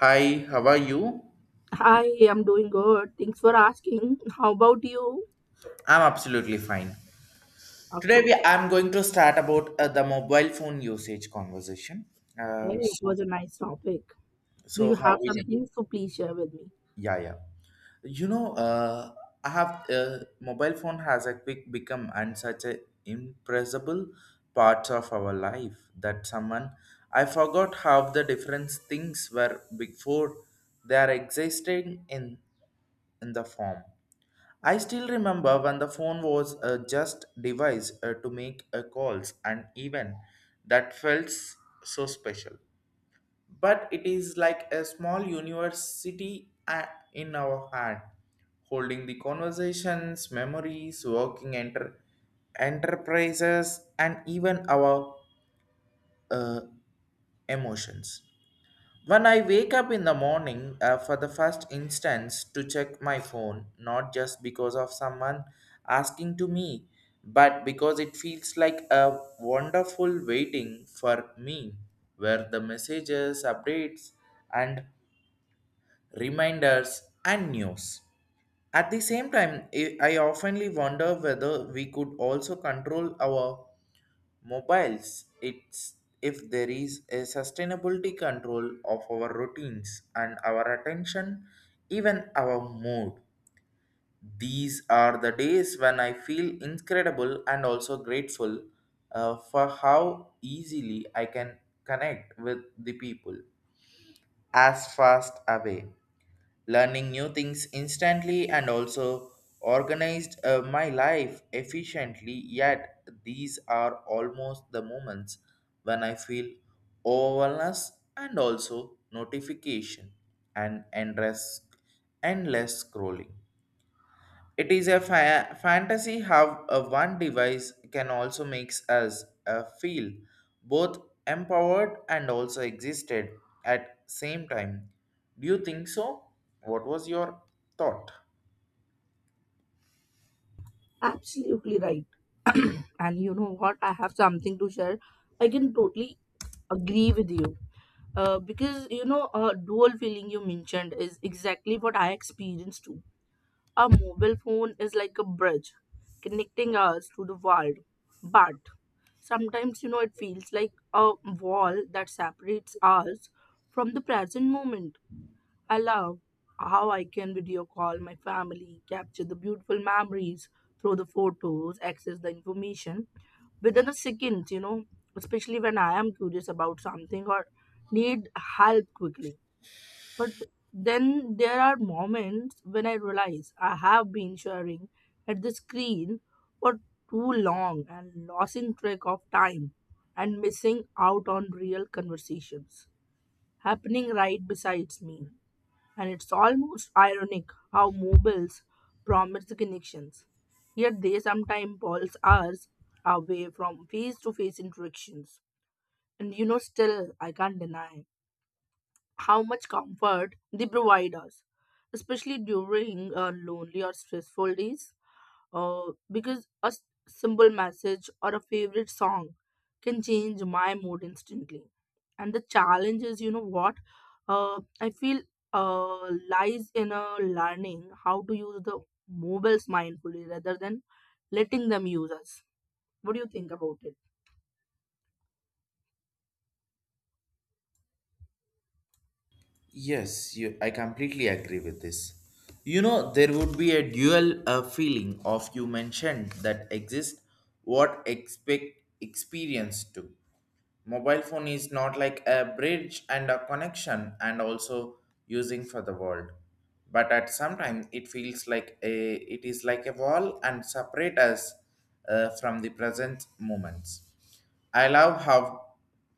Hi, how are you? Hi, I'm doing good. Thanks for asking. How about you? I'm absolutely fine. Today Okay. we I'm going to start about the mobile phone usage conversation. Well, Uh, it so was a nice topic. Do you how have we something to please share with me? yeah. You know I have mobile phone has a quick become and such a impressible part of our life that someone I forgot how the different things were before they are existing in the form. I still remember when the phone was just device to make calls, and even that so special. But it is like a small university in our hand, holding the conversations, memories, enterprises, and even our uh, emotions. When I wake up in the morning, for the first instance, to check my phone, not just because of someone asking to me, but because it feels like a wonderful waiting for me, where the messages, updates, and reminders and news. At the same time, I oftenly wonder whether we could also control our mobiles it's if there is a sustainability control of our routines and our attention even our mood. These are the days when I feel incredible and also grateful for how easily I can connect with the people as fast away, learning new things instantly, and also organized my life efficiently, yet these are almost the moments when I feel overwhelmed and also notification and endless scrolling. It is a fantasy how a one device can also makes us feel both empowered and also existed at same time. Do you think so? What was your thought? Absolutely right. And you know what? I have something to share. I can totally agree with you. Because you know, dual feeling you mentioned is exactly what I experienced too. A mobile phone is like a bridge connecting us to the world, but sometimes, you know, it feels like a wall that separates us from the present moment. I love how I can video call my family, capture the beautiful memories through the photos, access the information within a second, you know, especially when I am curious about something or need help quickly. But then there are moments when I realize I have been staring at the screen for too long and losing track of time and missing out on real conversations happening right besides me. And it's almost ironic how mobiles promise connections, yet they sometimes pulls us away from face to face interactions. And you know, still, I can't deny how much comfort they provide us, especially during lonely or stressful days. Because a simple message or a favorite song can change my mood instantly. And the challenge is, you know what? I feel lies in learning how to use the mobiles mindfully rather than letting them use us. What do you think about it? Yes, you, I completely agree with this. You know, there would be a dual feeling of you mentioned that exists what expect experience to. Mobile phone is not like a bridge and a connection and also using for the world. But at some time it feels like a it is like a wall and separate us from the present moments. I love how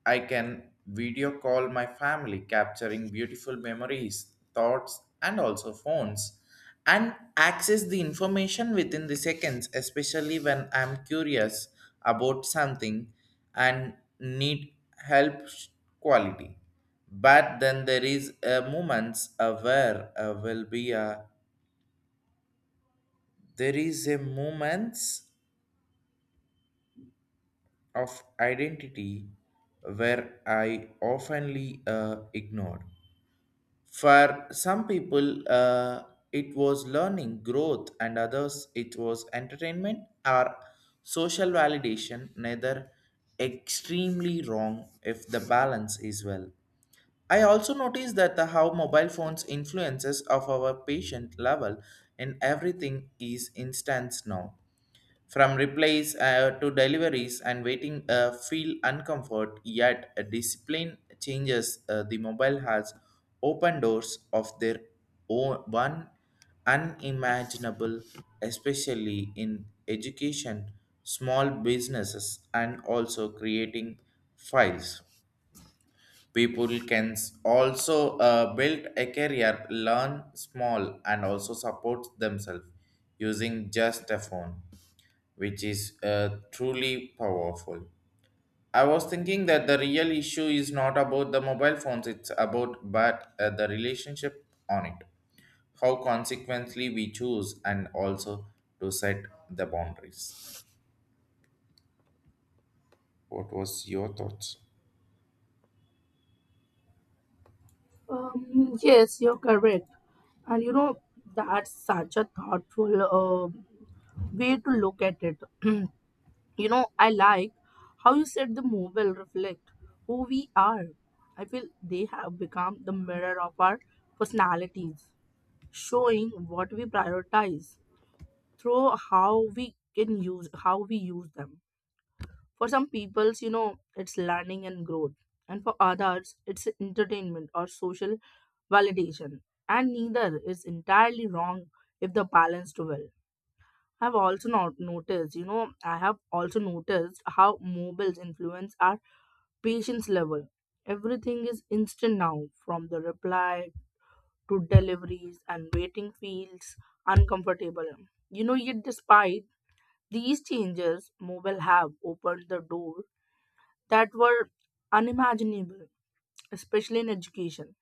I can video call my family, capturing beautiful memories, thoughts, and also phones, and access the information within the seconds, especially when I'm curious about something and need help sh- quality. But then there is a moments where will be a there is a moments of identity where I oftenly ignored. For some people, it was learning, growth, and others, it was entertainment or social validation, neither extremely wrong if the balance is well. I also noticed that the how mobile phones influences of our patient level in everything is instance now. From replies to deliveries and waiting feel uncomfort, yet a discipline changes. The mobile has open doors of their own one unimaginable, especially in education, small businesses, and also creating files. People also build a career, learn small, and also support themselves using just a phone, which is truly powerful. I was thinking that the real issue is not about the mobile phones, it's about but the relationship on it, how consequently we choose and also to set the boundaries. What was your thoughts? Yes, you're correct. And you know, that's such a thoughtful way to look at it. You know, I like how you said the mobile reflect who we are. I feel they have become the mirror of our personalities, showing what we prioritize through how we use them. For some peoples, you know, it's learning and growth. And for others, it's entertainment or social validation, and neither is entirely wrong if the balanced well. I've also not noticed, you know, I have also noticed how mobiles influence our patience level. Everything is instant now, from the reply to deliveries, and waiting feels uncomfortable. You know, yet despite these changes, mobile have opened the door that were unimaginable, especially in education,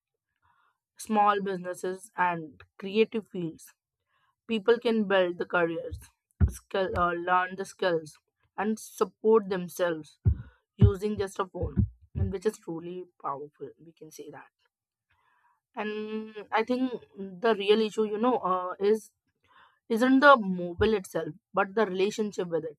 small businesses, and creative fields. People can build the careers, skill, learn the skills, and support themselves using just a phone, and which is truly powerful. We can say that. And I think the real issue, you know, is isn't the mobile itself, but the relationship with it.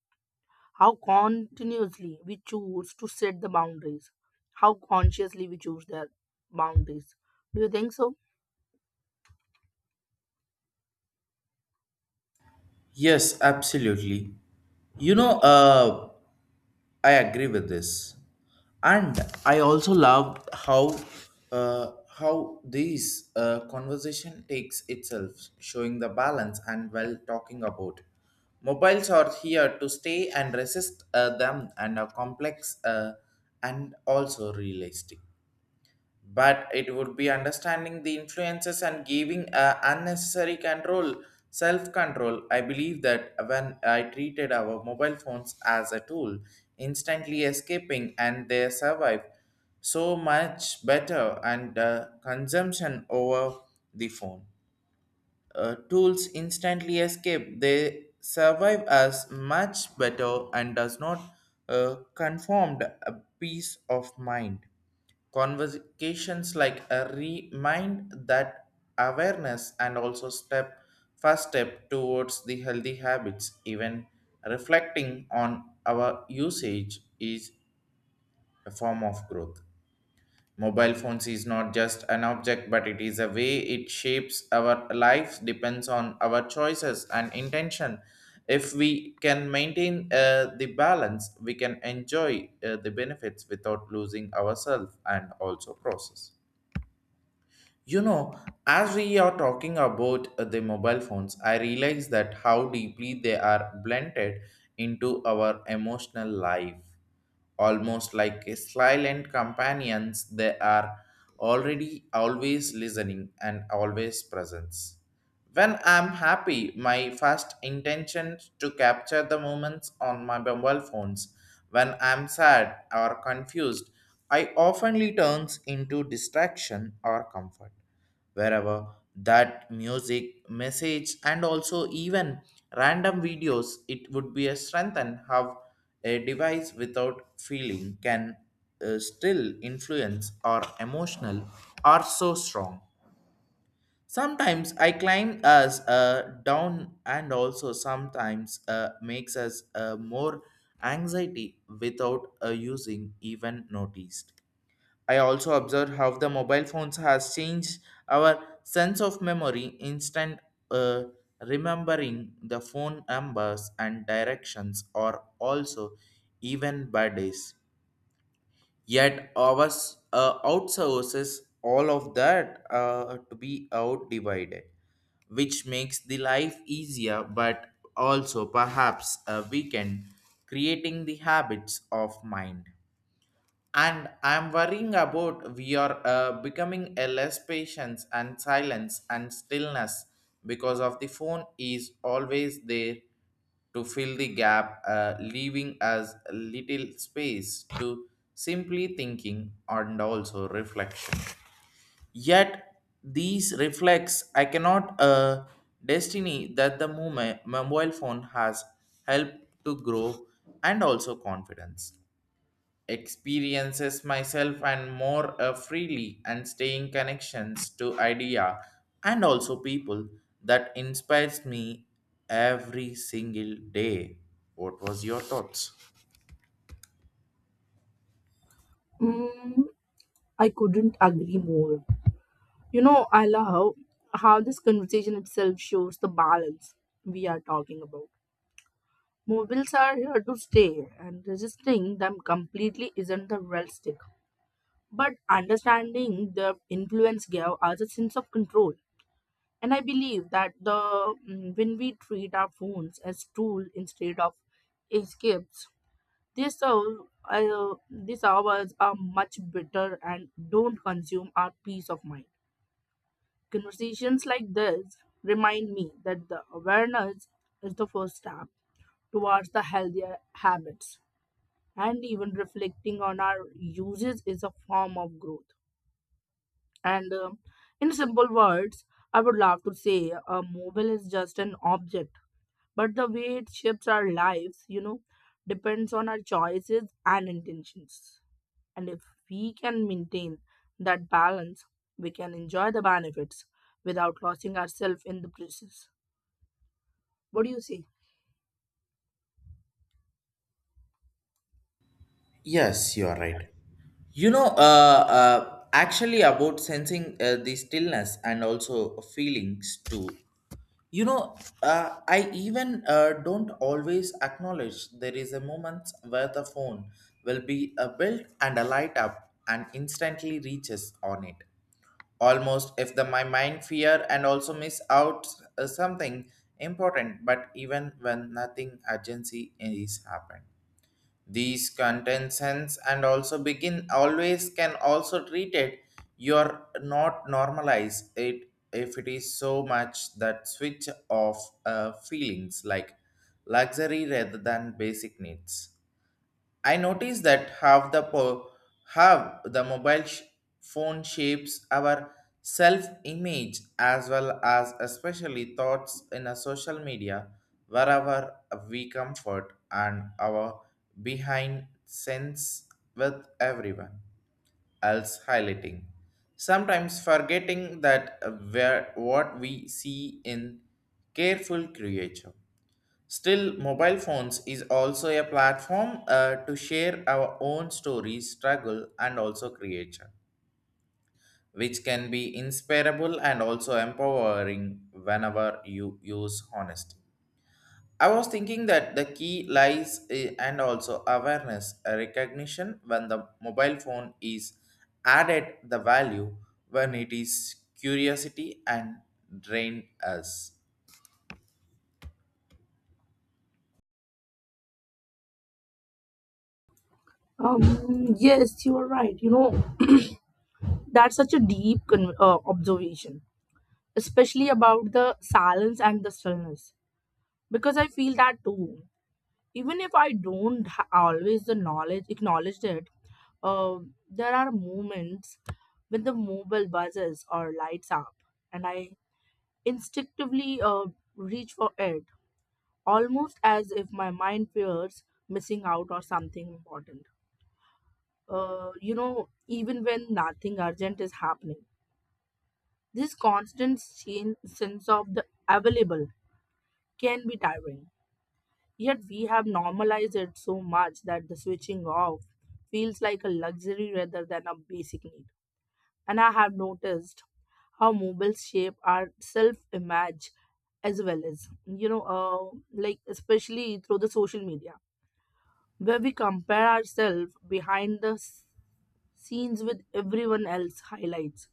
How continuously we choose to set the boundaries. How consciously we choose their boundaries. Do you think so? Yes, absolutely. You know, I agree with this, and I also love how uh, how these conversation takes itself, showing the balance and well talking about. Mobiles are here to stay and resist them and are complex and also realistic, but it would be understanding the influences and giving a unnecessary control, self control. I believe that when I treated our mobile phones as a tool instantly escaping and they survive so much better and consumption over the phone tools instantly escape. They survive as much better and does not conformed a peace of mind. Conversations like a remind that awareness and also step first step towards the healthy habits. Even reflecting on our usage is a form of growth. Mobile phones is not just an object, but it is a way it shapes our lives, depends on our choices and intention. If we can maintain the balance, we can enjoy the benefits without losing ourselves and also process. You know, as we are talking about the mobile phones, I realize that how deeply they are blended into our emotional life. Almost like a silent companions, they are already always listening and always present. When I'm happy, my first intention to capture the moments on my mobile phones. When I'm sad or confused, I oftenly turns into distraction or comfort. Wherever that music, message, and also even random videos, it would be a strength, and how a device without feeling can still influence or emotional are so strong. Sometimes I climb us down, and also sometimes makes us more anxiety without using even noticed. I also observe how the mobile phones has changed our sense of memory instant, uh, remembering the phone numbers and directions or also even birthdays, yet ours outsources all of that to be out divided, which makes the life easier but also perhaps a weekend, creating the habits of mind. And I'm worrying about we are becoming a less patience and silence and stillness because of the phone is always there to fill the gap, leaving us little space to simply thinking and also reflection. Yet these reflex I cannot destiny that the moment mobile phone has helped to grow and also confidence, experiences myself and more freely and staying connections to idea and also people that inspires me every single day. What was your thoughts? Mm, I couldn't agree more. You know, I love how this conversation itself shows the balance we are talking about. Mobiles are here to stay, and resisting them completely isn't the realistic. But understanding their influence gave us a sense of control. And I believe that when we treat our phones as tool instead of escapes, they serve these hours are much better and don't consume our peace of mind. Conversations like this remind me that the awareness is the first step towards the healthier habits, and even reflecting on our uses is a form of growth. And in simple words, I would love to say a mobile is just an object, but the way it shapes our lives, you know, depends on our choices and intentions. And if we can maintain that balance, we can enjoy the benefits without losing ourselves in the process. What do you say? Yes, you are right. You know, actually about sensing the stillness and also feelings too. You know, I even don't always acknowledge there is a moment where the phone will be a built and a light up and instantly reaches on it. Almost if the my mind fear and also miss out something important, but even when nothing urgency is happened. These contentions and also begin always can also treat it. You're not normalize it if it is so much that switch of feelings like luxury rather than basic needs. I noticed that half the po- half the mobile sh- phone shapes our self-image as well as especially thoughts in a social media, wherever we comfort and our behind sense with everyone else highlighting, sometimes forgetting that where what we see in careful creature. Still, mobile phones is also a platform to share our own stories, struggle, and also creation, which can be inspirable and also empowering whenever you use honesty. I was thinking that the key lies and also awareness, recognition when the mobile phone is added the value, when it is curiosity and drain us. Yes, you are right. You know, that's such a deep observation, especially about the silence and the stillness, because I feel that too. Even if I don't always the knowledge acknowledge it, uh, there are moments when the mobile buzzes or lights up, and I instinctively reach for it, almost as if my mind fears missing out or something important. You know, even when nothing urgent is happening, this constant sense of the available can be tiring. Yet we have normalized it so much that the switching off feels like a luxury rather than a basic need. And I have noticed how mobiles shape our self image as well as, you know, like especially through the social media, where we compare ourselves behind the scenes with everyone else highlights.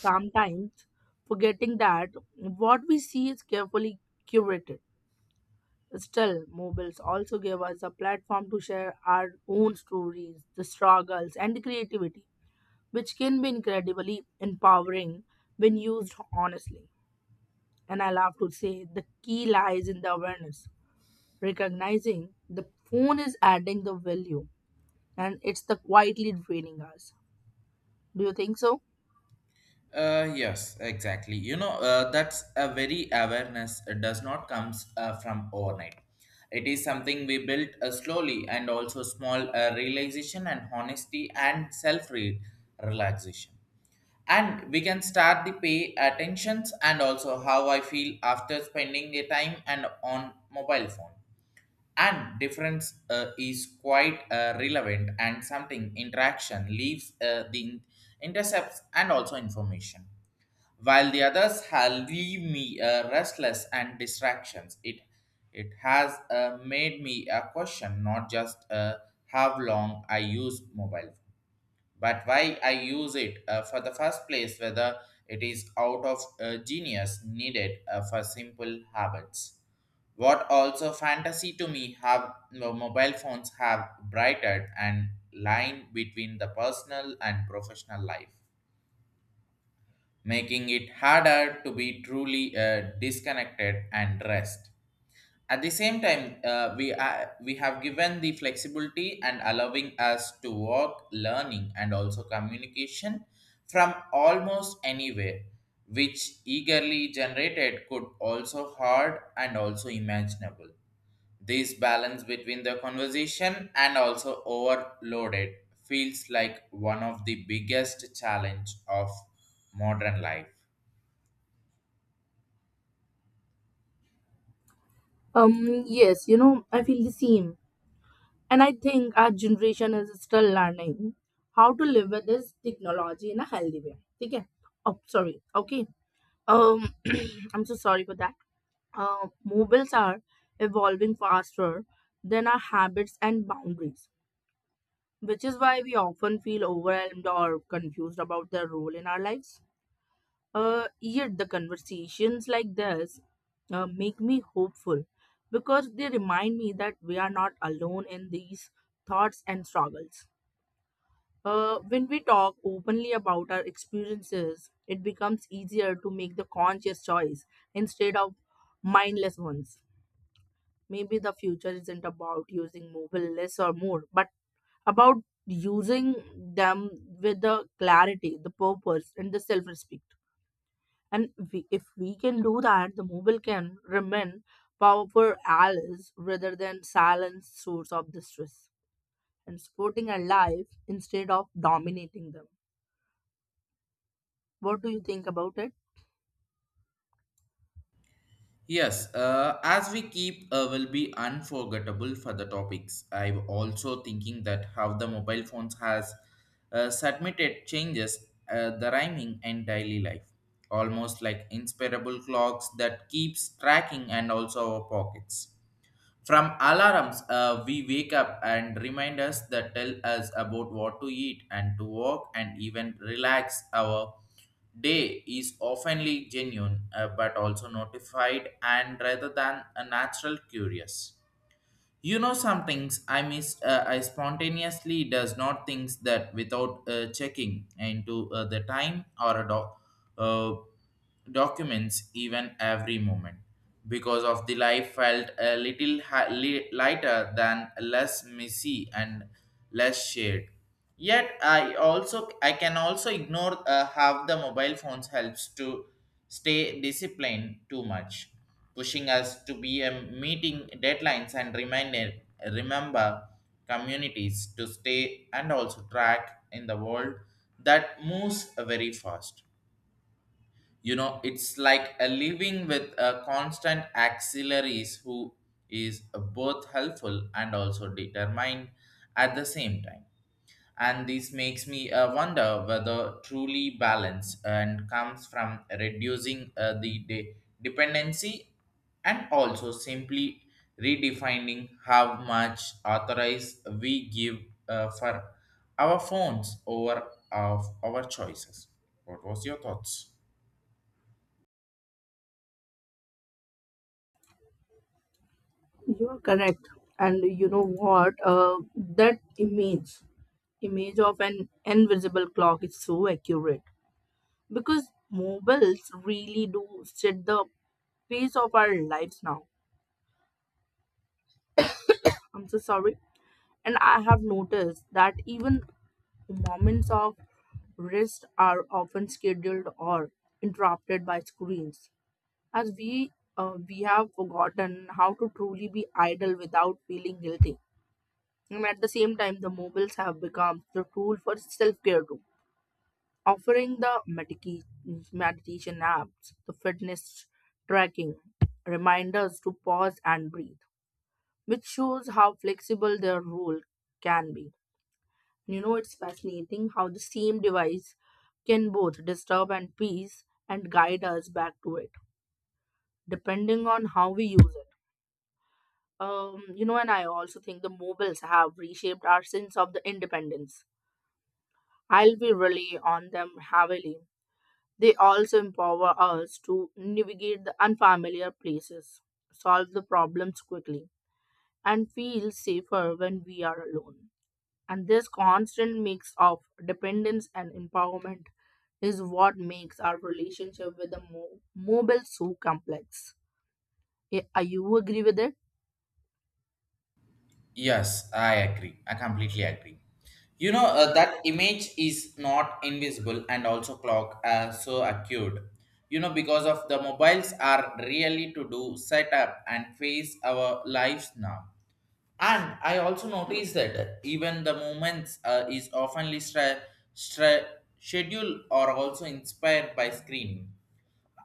Sometimes forgetting that what we see is carefully curated. Still, mobiles also give us a platform to share our own stories, the struggles, and the creativity which can be incredibly empowering when used honestly. And I love to say the key lies in the awareness, recognizing the phone is adding the value and it's the quietly draining us. Do you think so? Yes, exactly. You know, that's a very awareness. It does not comes from overnight. It is something we built slowly and also small, realization and honesty and relaxation. And we can start the pay attentions and also how I feel after spending a time and on mobile phone. And difference is quite relevant, and something interaction leaves intercepts and also information, while the others have leave me restless and distractions. It has made me a question not just how long I use mobile, phone, but why I use it for the first place. Whether it is out of genius needed for simple habits. What also fantasy to me have no, mobile phones have brightened and line between the personal and professional life, making it harder to be truly disconnected and rest. At the same time, we have given the flexibility and allowing us to work, learning, and also communication from almost anywhere, which eagerly generated could also hard and also imaginable. This balance between the conversation and also overloaded feels like one of the biggest challenge of modern life. Yes, you know, I feel the same. And I think our generation is still learning how to live with this technology in a healthy way. Okay. Oh, sorry. Okay. Um, I'm so sorry for that. Mobiles are evolving faster than our habits and boundaries, which is why we often feel overwhelmed or confused about their role in our lives. Yet the conversations like this make me hopeful because they remind me that we are not alone in these thoughts and struggles. When we talk openly about our experiences, it becomes easier to make the conscious choice instead of mindless ones. Maybe the future isn't about using mobile less or more, but about using them with the clarity, the purpose, and the self respect. And we, if we can do that, the mobile can remain powerful allies rather than silent source of distress and supporting our life instead of dominating them. What do you think about it? Yes, as we keep will be unforgettable for the topics. I'm also thinking that how the mobile phones has submitted changes the rhyming and daily life, almost like inspirable clocks that keeps tracking and also our pockets. From alarms, we wake up and remind us that tell us about what to eat and to walk and even relax. Our day is oftenly genuine, but also notified and rather than a natural curious. You know some things I missed. I spontaneously does not things that without checking into the time or a uh, documents even every moment because of the life felt a little lighter than less messy and less shared. Yet I can also ignore have the mobile phones helps to stay disciplined too much, pushing us to be a meeting deadlines and reminder remember communities to stay and also track in the world that moves very fast. You know, it's like a living with a constant auxiliaries who is both helpful and also determined at the same time. And this makes me wonder whether truly balance and comes from reducing dependency and also simply redefining how much authorized we give for our phones over of our choices. What was your thoughts? You're correct. And you know what? Image of an invisible clock is so accurate because mobiles really do set the pace of our lives now. I'm so sorry. And I have noticed that even moments of rest are often scheduled or interrupted by screens, as we have forgotten how to truly be idle without feeling guilty. And at the same time, the mobiles have become the tool for self care too, offering the meditation apps, the fitness tracking, reminders to pause and breathe, which shows how flexible their role can be. You know, it's fascinating how the same device can both disturb and peace and guide us back to it, depending on how we use it. You know, and I also think the mobiles have reshaped our sense of the independence I'll be rely on them heavily. They also empower us to navigate the unfamiliar places, solve the problems quickly, and feel safer when we are alone. And this constant mix of dependence and empowerment is what makes our relationship with the mobile so complex. Yeah, are you agree with it? Yes, I agree. I completely agree. You know, that image is not invisible and also clock so acute. You know, because of the mobiles are really to do set up and face our lives now. And I also noticed that even the movements is oftenly stra- scheduled or also inspired by screen.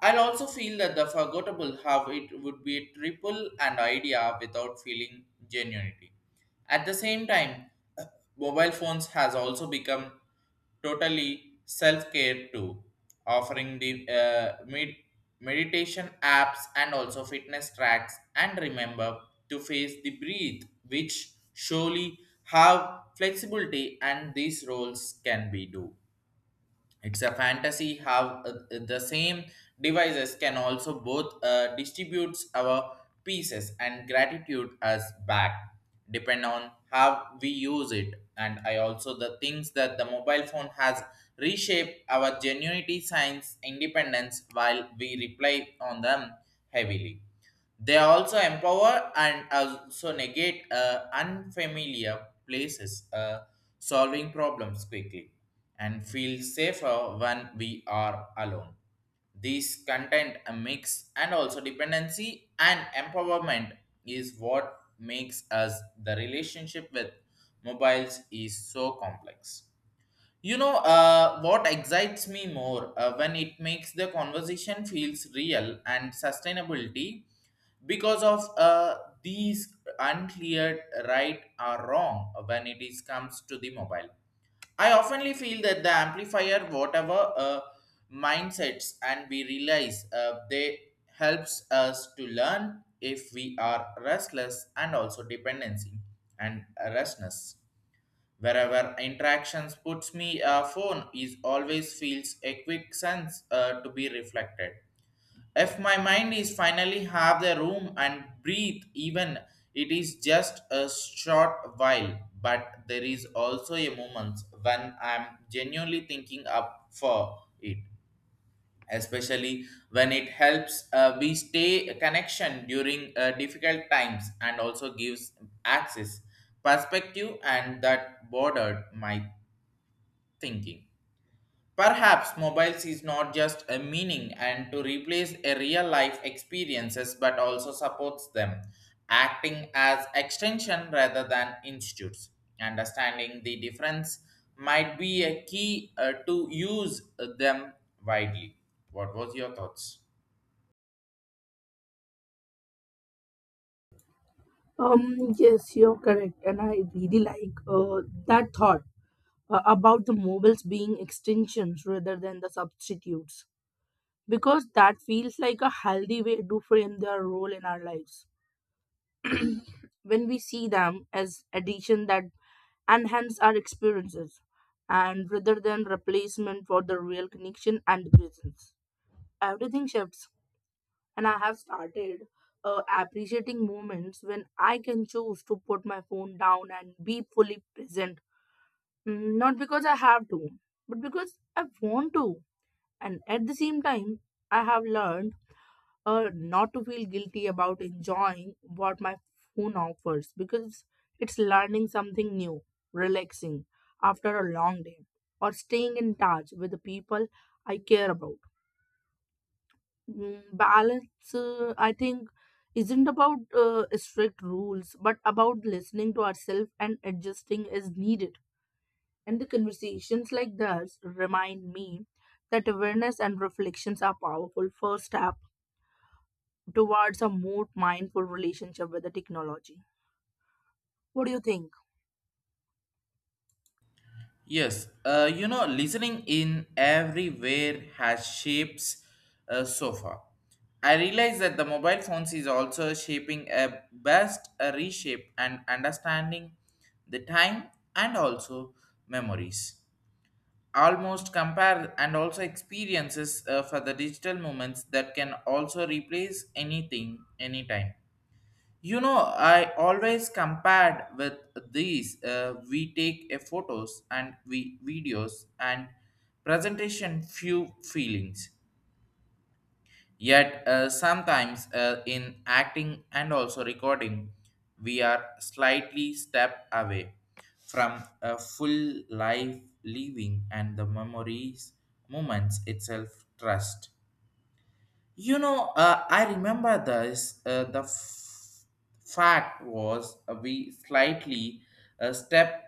I'll also feel that the forgettable have it would be a triple and idea without feeling genuinity. At the same time, mobile phones has also become totally self-care too, offering the meditation apps and also fitness tracks and remember to face the breathe, which surely have flexibility and these roles can be do. It's a fantasy how the same devices can also both distributes our pieces and gratitude as back depend on how we use it. And I also the things that the mobile phone has reshaped our genuinity science independence while we rely on them heavily. They also empower and also negate unfamiliar places, solving problems quickly, and feel safer when we are alone. These content a mix and also dependency and empowerment is what makes us the relationship with mobiles is so complex. You know, what excites me more when it makes the conversation feels real and sustainability because of these uncleared right or wrong when it is comes to the mobile. I oftenly feel that the amplifier, whatever mindsets and we realize they helps us to learn if we are restless and also dependency and restlessness. Wherever interactions puts me a phone is always feels a quick sense to be reflected if my mind is finally have the room and breathe even it is just a short while. But there is also a moment when I'm genuinely thinking up for it, especially when it helps we stay a connection during difficult times and also gives access perspective and that bordered my thinking. Perhaps mobiles is not just a meaning and to replace a real life experiences but also supports them, acting as extension rather than institutes. Understanding the difference might be a key to use them widely. What was your thoughts? Yes, you're correct, and I really like that thought about the mobiles being extensions rather than the substitutes, because that feels like a healthy way to frame their role in our lives. When we see them as addition that enhance our experiences and rather than replacement for the real connection and presence, everything shifts. And I have started appreciating moments when I can choose to put my phone down and be fully present. Mm, not because I have to, but because I want to. And at the same time, I have learned not to feel guilty about enjoying what my phone offers, because it's learning something new, relaxing after a long day, or staying in touch with the people I care about. Mm, balance I think isn't about strict rules but about listening to ourselves and adjusting as needed. And the conversations like this remind me that awareness and reflections are powerful first step towards a more mindful relationship with the technology. What do you think? Yes, you know, listening in everywhere has shapes so far. I realize that the mobile phones is also shaping a best a reshape and understanding the time and also memories. Almost compare and also experiences for the digital moments that can also replace anything anytime. You know, I always compared with these. We take a photos and we videos and presentation few feelings. Yet sometimes in acting and also recording, we are slightly step away from a full life living and the memories moments itself trust. You know, I remember this. The fact was we slightly step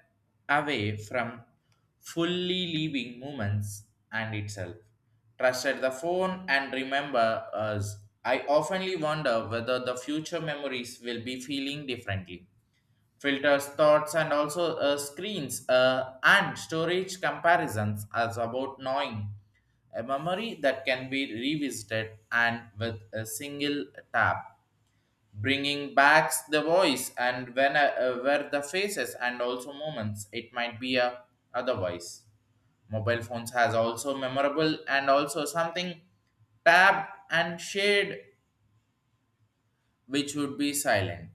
away from fully leaving moments and itself. Trusted the phone and remember us. I oftenly wonder whether the future memories will be feeling differently filters thoughts and also screens and storage comparisons as about knowing a memory that can be revisited and with a single tap, bringing back the voice and when where the faces and also moments it might be a otherwise. Mobile phones has also memorable and also something tab and shade which would be silent,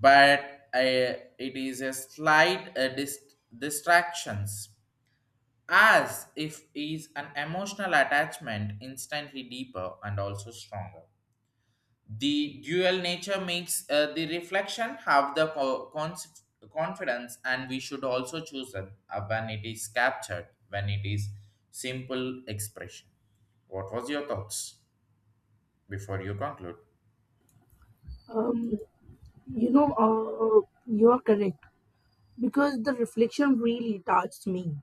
but uh, it is a slight distractions as if is an emotional attachment instantly deeper and also stronger. The dual nature makes the reflection have the confidence and we should also choose it when it is captured, when it is simple expression. What was your thoughts before you conclude? Um, you know, you are correct because the reflection really touched me.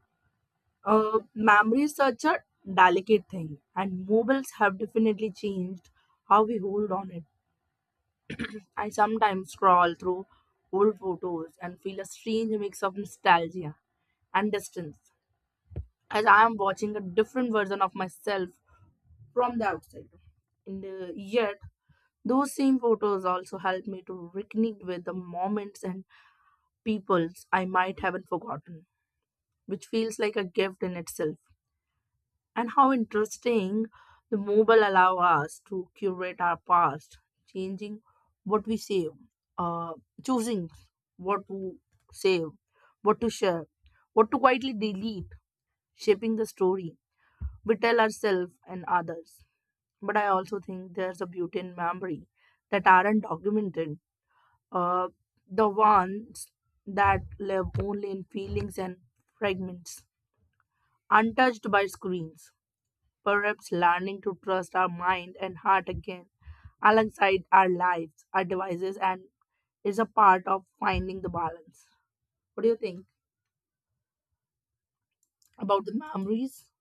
Memory is such a delicate thing, and mobiles have definitely changed how we hold on it. I sometimes scroll through old photos and feel a strange mix of nostalgia and distance as I am watching a different version of myself from the outside. And yet, those same photos also help me to reconnect with the moments and peoples I might haven't forgotten, which feels like a gift in itself. And how interesting the mobile allow us to curate our past, changing what we save uh, choosing what to save, what to share, what to quietly delete, shaping the story we tell ourselves and others. But I also think there's a beauty in memory that aren't documented, uh, the ones that live only in feelings and fragments, untouched by screens. Perhaps learning to trust our mind and heart again alongside our lives, our devices, and is a part of finding the balance. What do you think about the memories?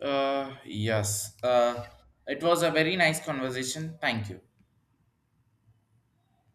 yes, it was a very nice conversation. Thank you.